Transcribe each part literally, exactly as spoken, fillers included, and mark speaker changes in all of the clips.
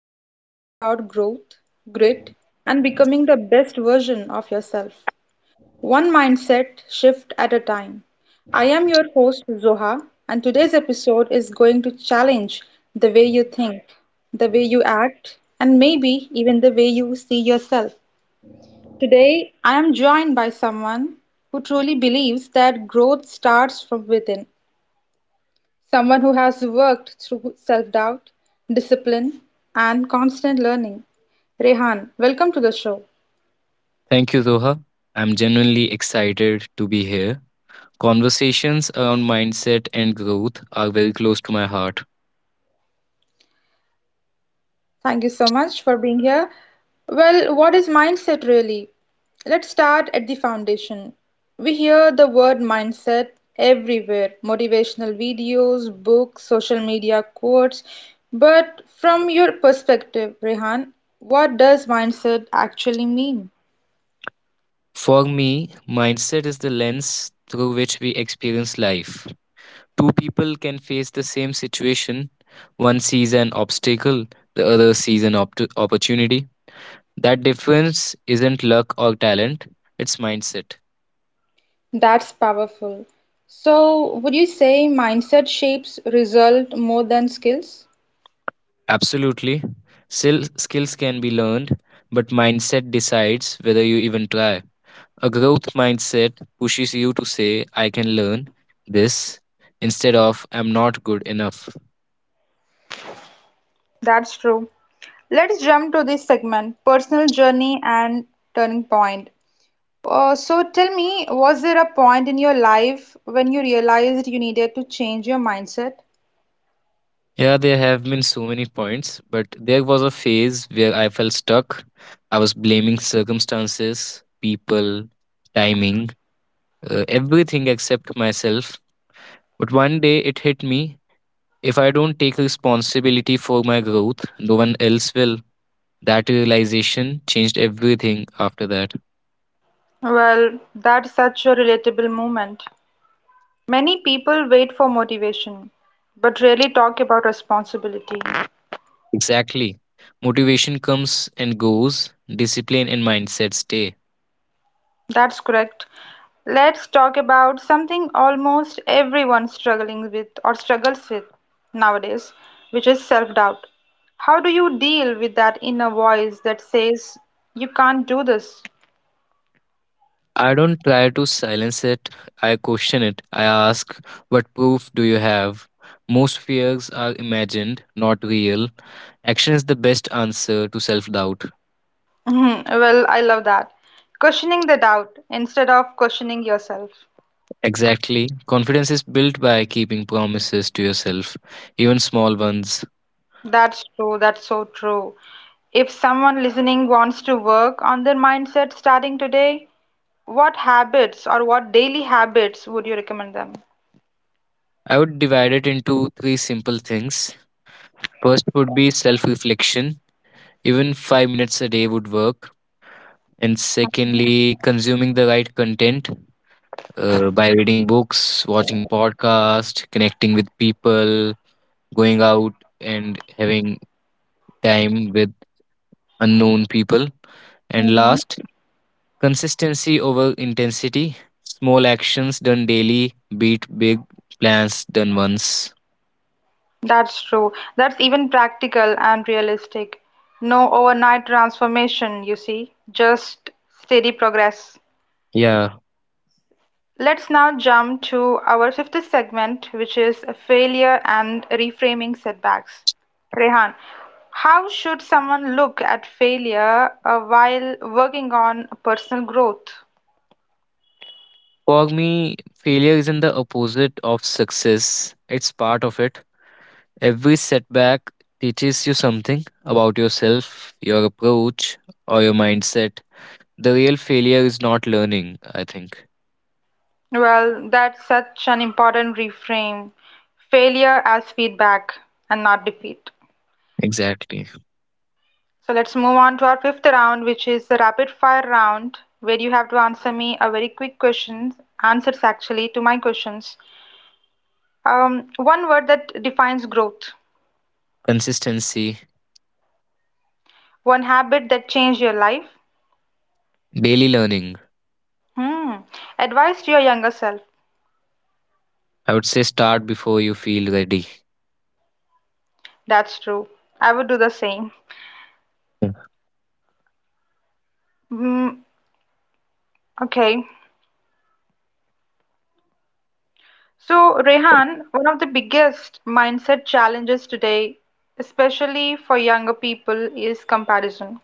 Speaker 1: where we talk about growth, grit, and becoming the best version of yourself, one mindset shift at a time. I am your host, Zoha, and today's episode is going to challenge the way you think, the way you act, and maybe even the way you see yourself. Today, I am joined by someone who truly believes that growth starts from within. Someone who has worked through self doubt, discipline, and constant learning. Rehan, welcome to the show.
Speaker 2: Thank you, Zoha. I'm genuinely excited to be here. Conversations around mindset and growth are very close to my heart.
Speaker 1: Thank you so much for being here. Well, what is mindset really? Let's start at the foundation. We hear the word mindset everywhere: motivational videos, books, social media quotes. But from your perspective, Rehan, what does mindset actually mean?
Speaker 2: For me, mindset is the lens through which we experience life. Two people can face the same situation. One sees an obstacle, the other sees an opt- opportunity. That difference isn't luck or talent, it's mindset.
Speaker 1: That's powerful. So, would you say mindset shapes result more than skills?
Speaker 2: Absolutely. Still, skills can be learned, but mindset decides whether you even try. A growth mindset pushes you to say, I can learn this instead of I'm not good enough.
Speaker 1: That's true. Let's jump to this segment, personal journey and turning point. Uh, so tell me, was there a point in your life when you realized you needed to change your mindset?
Speaker 2: Yeah, there have been so many points, but there was a phase where I felt stuck. I was blaming circumstances, people, timing, uh, everything except myself. But one day it hit me if I don't take responsibility for my growth, no one else will. That realization changed everything after that.
Speaker 1: Well, that's such a relatable moment. Many people wait for motivation, but rarely talk about responsibility.
Speaker 2: Exactly. Motivation comes and goes, discipline and mindset stay.
Speaker 1: That's correct. Let's talk about something almost everyone struggling with or struggles with nowadays, which is self-doubt. How do you deal with that inner voice that says you can't do this?
Speaker 2: I don't try to silence it, I question it. I ask, what proof do you have? Most fears are imagined, not real. Action is the best answer to self doubt.
Speaker 1: Mhm. Well, I love that. Questioning the doubt instead of questioning yourself.
Speaker 2: Exactly. Confidence is built by keeping promises to yourself, even small ones.
Speaker 1: That's true. That's so true. If someone listening wants to work on their mindset starting today, what habits or what daily habits would you recommend them?
Speaker 2: I would divide it into three simple things. First would be self reflection. Even five minutes a day would work. And secondly, consuming the right content uh, by reading books, watching podcasts, connecting with people, going out and having time with unknown people. And
Speaker 1: Mm-hmm.
Speaker 2: last, consistency over intensity. Small actions done daily beat big plans done once.
Speaker 1: That's true. That's even practical and realistic. No overnight transformation, you see, just steady progress.
Speaker 2: Yeah.
Speaker 1: Let's now jump to our fifth segment, which is failure and reframing setbacks. Rehan, how should someone look at failure uh, while working on personal growth?
Speaker 2: For me, failure isn't the opposite of success, it's part of it. Every setback teaches you something about yourself, your approach, or your mindset. The real failure is not learning, I think.
Speaker 1: Well, that's such an important reframe. Failure as feedback and not defeat.
Speaker 2: Exactly.
Speaker 1: So let's move on to our fifth round, which is the rapid fire round, where you have to answer me a very quick questions, answers actually to my questions. Um, one word that defines growth,
Speaker 2: Consistency,
Speaker 1: one habit that changed your life.
Speaker 2: daily learning.
Speaker 1: Hmm. Advice to your younger self.
Speaker 2: I would say start before you feel ready.
Speaker 1: That's true. I would do the same.
Speaker 2: Yeah.
Speaker 1: Hmm. Okay. So, Rehan, one of the biggest mindset challenges today, especially for younger people, is comparison.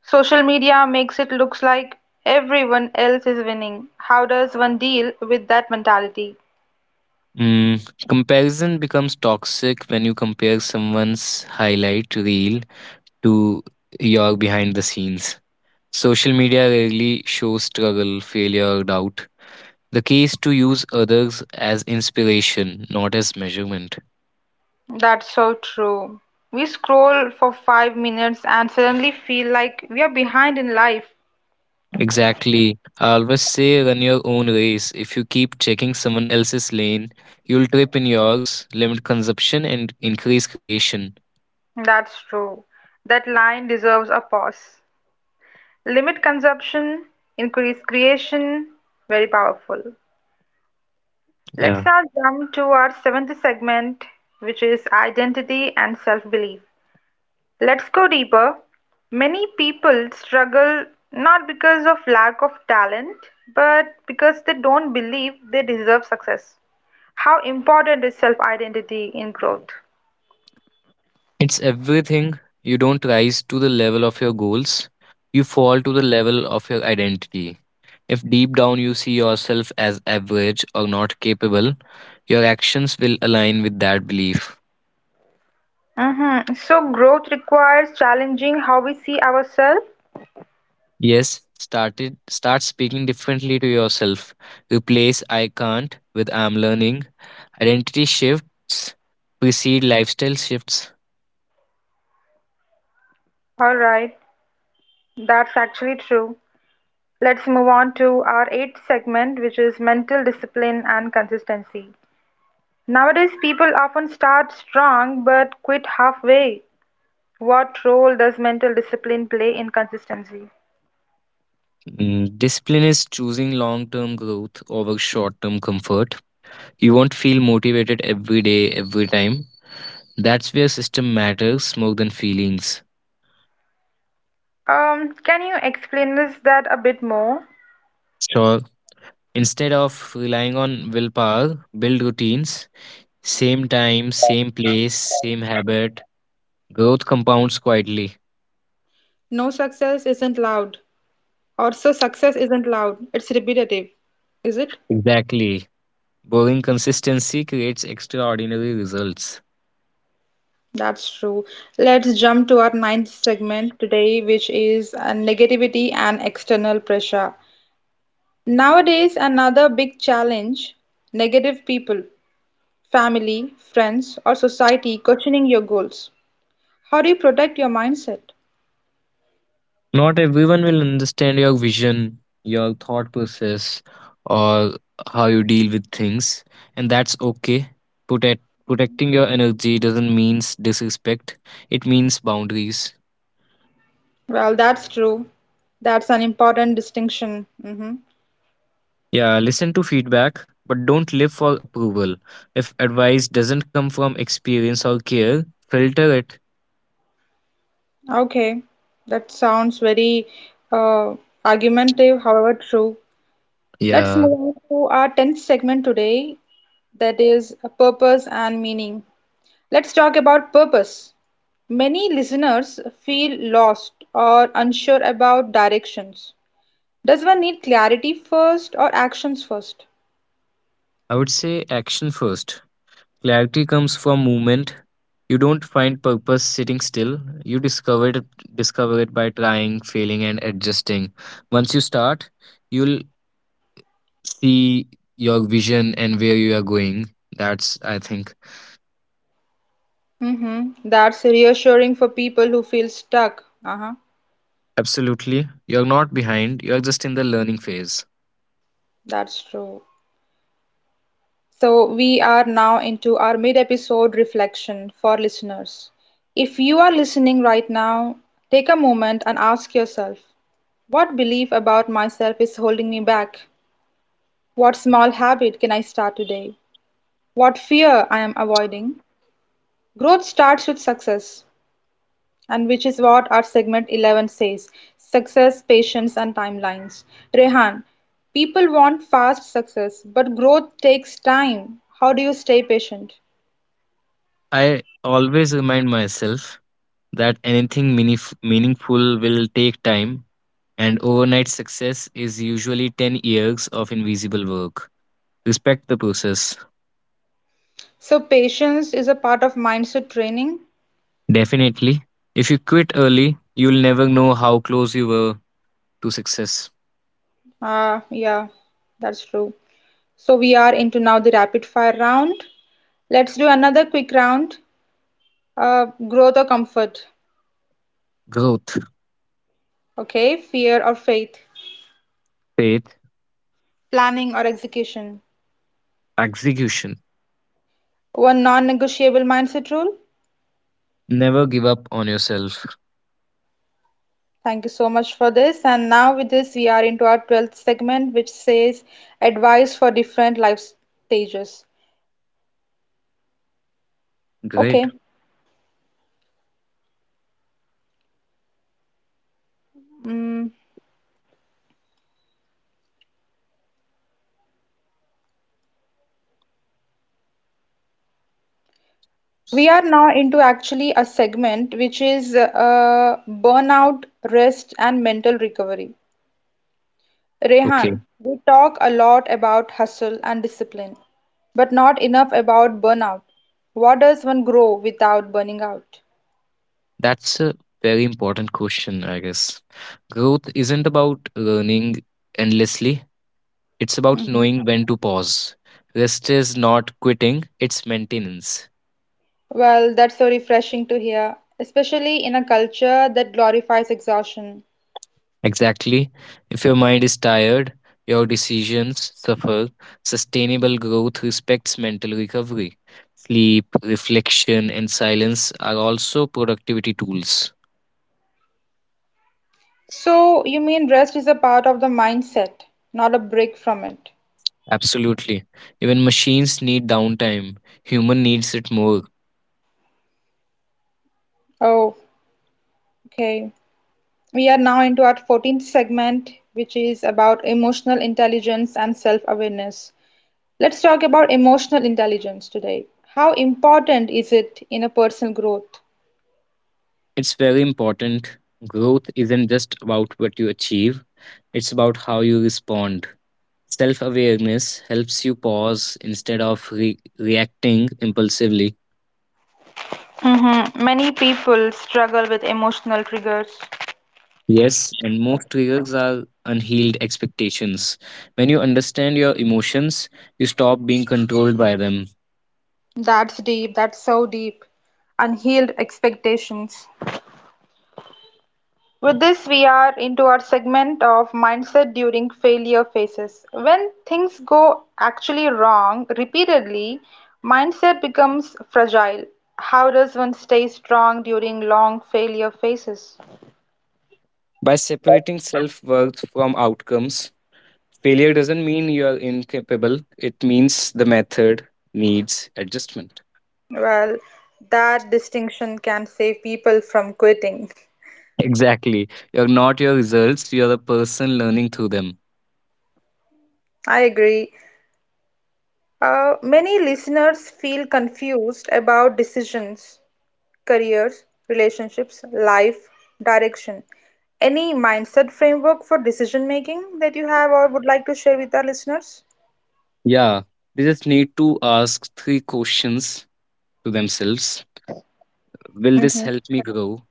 Speaker 1: Social media makes it looks like everyone else is winning. How does one deal with that mentality?
Speaker 2: Mm, comparison becomes toxic when you compare someone's highlight reel to your behind the scenes. Social media rarely shows struggle, failure, or doubt. The key is to use others as inspiration, not as measurement.
Speaker 1: That's so true. We scroll for five minutes and suddenly feel like we are behind in life.
Speaker 2: Exactly. I always say run your own race. If you keep checking someone else's lane, you'll trip in yours, limit consumption, and increase creation.
Speaker 1: That's true. That line deserves a pause. Limit consumption, increase creation, very powerful. Let's
Speaker 2: Yeah.
Speaker 1: now jump to our seventh segment, which is identity and self belief. Let's go deeper. Many people struggle not because of lack of talent, but because they don't believe they deserve success. How important is self identity in growth?
Speaker 2: It's everything. You don't rise to the level of your goals, you fall to the level of your identity. If deep down you see yourself as average or not capable, your actions will align with that belief.
Speaker 1: Mm-hmm. So, growth requires challenging how we see ourselves.
Speaker 2: Yes, started start speaking differently to yourself. Replace I can't with I'm learning. Identity shifts precede lifestyle shifts.
Speaker 1: All right, that's actually true. Let's move on to our eighth segment, which is mental discipline and consistency. Nowadays, people often start strong but quit halfway. What role does mental discipline play in consistency?
Speaker 2: Mm, discipline is choosing long term growth over short term comfort. You won't feel motivated every day, every time. That's where system matters more than feelings.
Speaker 1: Um, can you explain this that a bit more?
Speaker 2: Sure. Instead of relying on willpower, build routines. Same time, same place, same habit. Growth compounds quietly.
Speaker 1: No, success isn't loud. Also, success isn't loud. It's repetitive. Is it?
Speaker 2: Exactly. Boring consistency creates extraordinary results.
Speaker 1: That's true. Let's jump to our ninth segment today, which is uh, negativity and external pressure. Nowadays, another big challenge: negative people, family, friends, or society questioning your goals. How do you protect your mindset?
Speaker 2: Not everyone will understand your vision, your thought process, or how you deal with things, and that's okay. Protect, Protecting your energy doesn't mean disrespect, it means boundaries.
Speaker 1: Well, that's true. That's an important distinction. Hmm.
Speaker 2: Yeah, listen to feedback, but don't live for approval. If advice doesn't come from experience or care, filter it.
Speaker 1: Okay, that sounds very uh, argumentative, however true. Let's
Speaker 2: Yeah,
Speaker 1: move on to our tenth segment today, that is uh, purpose and meaning. Let's talk about purpose. Many listeners feel lost or unsure about directions. Does one need clarity first or actions first?
Speaker 2: I would say action first. Clarity comes from movement. You don't find purpose sitting still. You discover it, discover it by trying, failing, and adjusting. Once you start, you'll see your vision and where you are going. That's, I think,
Speaker 1: Mm-hmm. That's reassuring for people who feel stuck. Uh-huh.
Speaker 2: absolutely. You're not behind, you're just in the learning phase.
Speaker 1: That's true. So, we are now into our mid episode reflection for listeners. If you are listening right now, take a moment and ask yourself, what belief about myself is holding me back? What small habit can I start today? What fear I am avoiding? Growth starts with success, and which is what our segment eleven says: success, patience, and timelines. Rehan, people want fast success, but growth takes time. How do you stay patient?
Speaker 2: I always remind myself that anything meanif- meaningful will take time, and overnight success is usually ten years of invisible work. Respect the process.
Speaker 1: So patience is a part of mindset training.
Speaker 2: Definitely. If you quit early, you'll never know how close you were to success.
Speaker 1: Uh, yeah, that's true. So we are into now the rapid fire round. Let's do another quick round. Uh, growth or comfort?
Speaker 2: Growth,
Speaker 1: Okay, fear or faith?
Speaker 2: faith,
Speaker 1: Planning or execution?
Speaker 2: execution.
Speaker 1: One non-negotiable mindset rule.
Speaker 2: Never give up on yourself.
Speaker 1: Thank you so much for this. And now with this, we are into our twelfth segment, which says advice for different life stages.
Speaker 2: Great.
Speaker 1: Okay. Mm, we are now into actually a segment which is uh, burnout, rest, and mental recovery.
Speaker 2: Okay.
Speaker 1: Rehan, we talk a lot about hustle and discipline, but not enough about burnout. What does one grow without burning out?
Speaker 2: That's a very important question, I guess. Growth isn't about learning endlessly, it's about
Speaker 1: Mhm.
Speaker 2: knowing when to pause. Rest is not quitting, it's maintenance.
Speaker 1: Well, that's so refreshing to hear, especially in a culture that glorifies exhaustion.
Speaker 2: Exactly. If your mind is tired, your decisions suffer. Sustainable growth respects mental recovery. Sleep, reflection, and silence are also productivity tools.
Speaker 1: So, you mean rest is a part of the mindset, not a break from it?
Speaker 2: Absolutely. Even machines need downtime, human needs it more.
Speaker 1: Oh, okay. We are now into our fourteenth segment, which is about emotional intelligence and self awareness. Let's talk about emotional intelligence today. How important is it in a personal growth?
Speaker 2: It's very important. Growth isn't just about what you achieve, it's about how you respond. Self awareness helps you pause instead of re- reacting impulsively.
Speaker 1: Mm-hmm. Many people struggle with emotional triggers.
Speaker 2: Yes, and most triggers are unhealed expectations. When you understand your emotions, you stop being controlled by them.
Speaker 1: That's deep, that's so deep. Unhealed expectations. With this we are into our segment of mindset during failure phases. When things go actually wrong repeatedly, mindset becomes fragile. How does one stay strong during long failure phases?
Speaker 2: By separating self worth from outcomes, failure doesn't mean you are incapable, it means the method needs adjustment.
Speaker 1: Well, that distinction can save people from quitting.
Speaker 2: Exactly. You're not your results, you're a person learning through them.
Speaker 1: I agree. Uh, many listeners feel confused about decisions. Careers, relationships, life, direction. Any mindset framework for decision making that you have or would like to share with our listeners?
Speaker 2: Yeah, they just need to ask three questions to themselves. Will this
Speaker 1: Mhm.
Speaker 2: help me grow?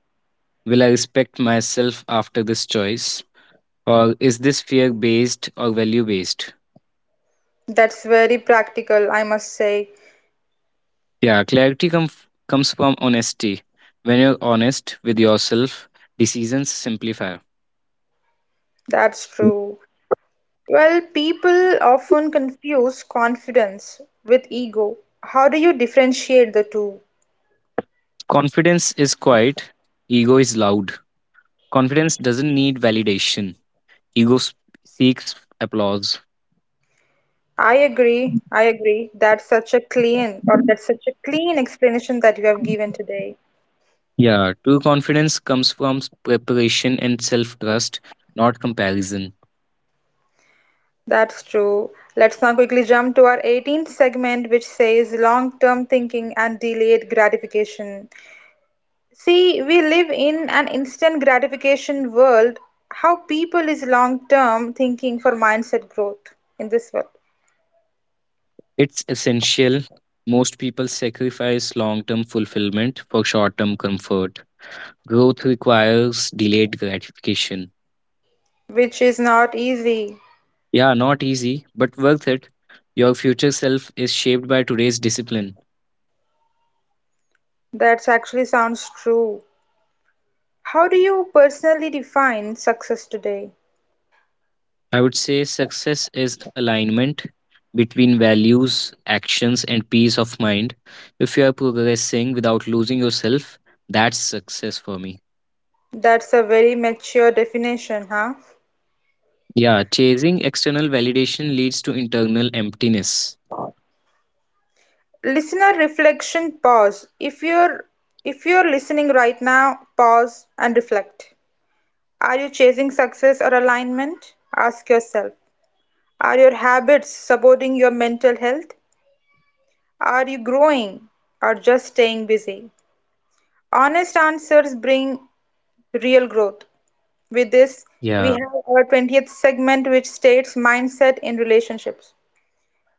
Speaker 2: Will I respect myself after this choice? Or is this fear based or value based?
Speaker 1: That's very practical, I must say.
Speaker 2: Yeah, clarity com- comes from honesty. When you're honest with yourself, decisions simplify.
Speaker 1: That's true. Well, people often confuse confidence with ego. How do you differentiate the two?
Speaker 2: Confidence is quiet, ego is loud. Confidence doesn't need validation, ego s- seeks applause.
Speaker 1: I agree. I agree. That's such a clean or that's such a clean explanation that you have given today.
Speaker 2: Yeah, true confidence comes from s- preparation and self trust, not comparison.
Speaker 1: That's true. Let's now quickly jump to our eighteenth segment, which says long term thinking and delayed gratification. See, we live in an instant gratification world. How people is long term thinking for mindset growth in this world,
Speaker 2: It's essential. Most people sacrifice long term fulfillment for short term comfort. Growth requires delayed gratification.
Speaker 1: which is not easy.
Speaker 2: Yeah, not easy, but worth it. Your future self is shaped by today's discipline.
Speaker 1: That actually sounds true. How do you personally define success today?
Speaker 2: I would say success is alignment between values, actions, and peace of mind. If you are progressing without losing yourself, that's success for me.
Speaker 1: That's a very mature definition, huh?
Speaker 2: Yeah, chasing external validation leads to internal emptiness.
Speaker 1: Listener reflection pause. If you're if you're listening right now, pause and reflect. Are you chasing success or alignment? Ask yourself, are your habits supporting your mental health? Are you growing or just staying busy? Honest answers bring real growth. With this,
Speaker 2: Yeah.
Speaker 1: we have our twentieth segment which states mindset in relationships.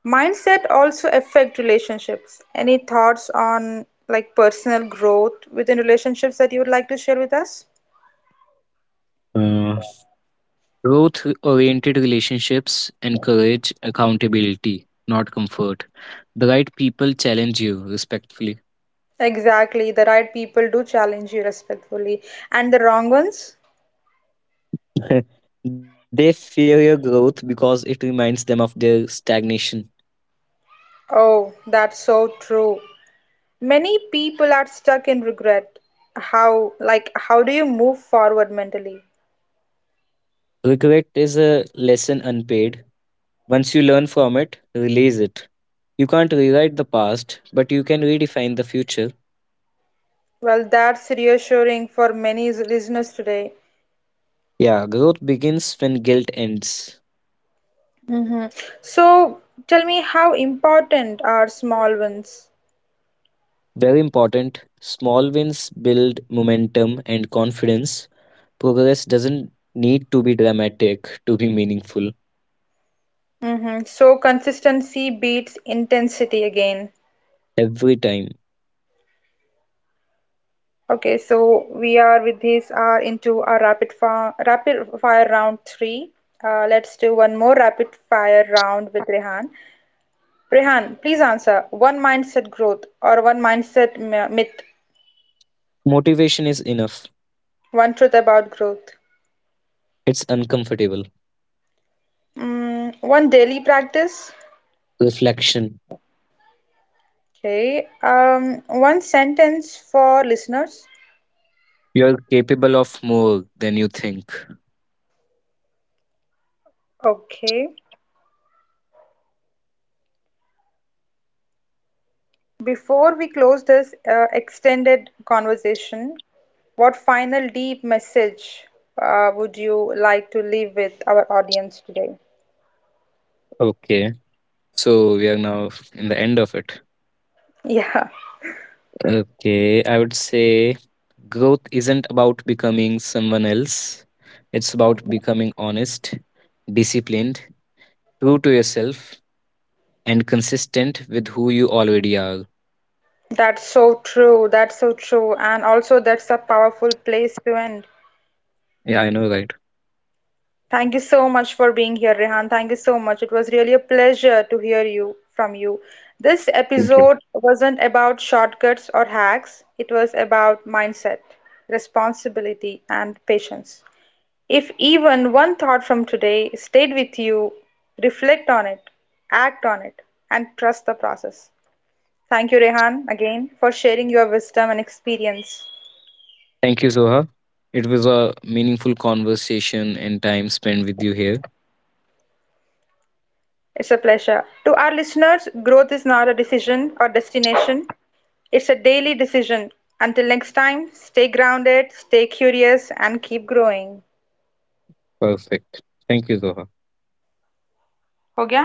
Speaker 1: Mindset also affect relationships. Any thoughts on like personal growth within relationships that you would like to share with us?
Speaker 2: Uh, Growth oriented relationships encourage accountability, not comfort. The right people challenge you respectfully.
Speaker 1: Exactly, the right people do challenge you respectfully, and the wrong ones?
Speaker 2: They fear your growth because it reminds them of their stagnation.
Speaker 1: Oh, that's so true. Many people are stuck in regret. How, like, how do you move forward mentally?
Speaker 2: Regret is a lesson unpaid. Once you learn from it, release it. You can't rewrite the past, but you can redefine the future.
Speaker 1: Well, that's reassuring for many listeners today.
Speaker 2: Yeah, growth begins when guilt ends.
Speaker 1: Hmm. So, tell me, how important are small wins?
Speaker 2: Very important. Small wins build momentum and confidence. Progress doesn't need to be dramatic to be meaningful
Speaker 1: Mm-hmm. So consistency beats intensity again.
Speaker 2: every time.
Speaker 1: Okay, so we are with this are into our rapid fire rapid fire round three. Uh, let's do one more rapid fire round with Rehan. Rehan, please answer one mindset growth or one mindset my- myth,
Speaker 2: Motivation is enough.
Speaker 1: one truth about growth.
Speaker 2: It's uncomfortable.
Speaker 1: Mm, one daily practice.
Speaker 2: Reflection.
Speaker 1: Okay. Um, one sentence for listeners.
Speaker 2: You're capable of more than you think.
Speaker 1: Okay. Before we close this uh, extended conversation, what final deep message uh, would you like to leave with our audience today?
Speaker 2: Okay. So we are now in the end of it.
Speaker 1: Yeah,
Speaker 2: Okay. I would say growth isn't about becoming someone else, it's about becoming honest, disciplined, true to yourself, and consistent with who you already are.
Speaker 1: that's so true. That's so true. And also, that's a powerful place to end.
Speaker 2: Yeah, I know, right?
Speaker 1: Thank you so much for being here, Rehan. Thank you so much. It was really a pleasure to hear you from you. This
Speaker 2: Thank you.
Speaker 1: episode wasn't about shortcuts or hacks, it was about mindset, responsibility, and patience. If even one thought from today stayed with you, reflect on it, act on it, and trust the process. Thank you, Rehan, again for sharing your wisdom and experience.
Speaker 2: Thank you, Zoha. It was a meaningful conversation and time spent with you here.
Speaker 1: It's a pleasure. To our listeners, growth is not a decision or destination, it's a daily decision. Until next time, stay grounded, stay curious, and keep growing.
Speaker 2: Perfect. Thank you, Zoha.
Speaker 1: Ho gaya?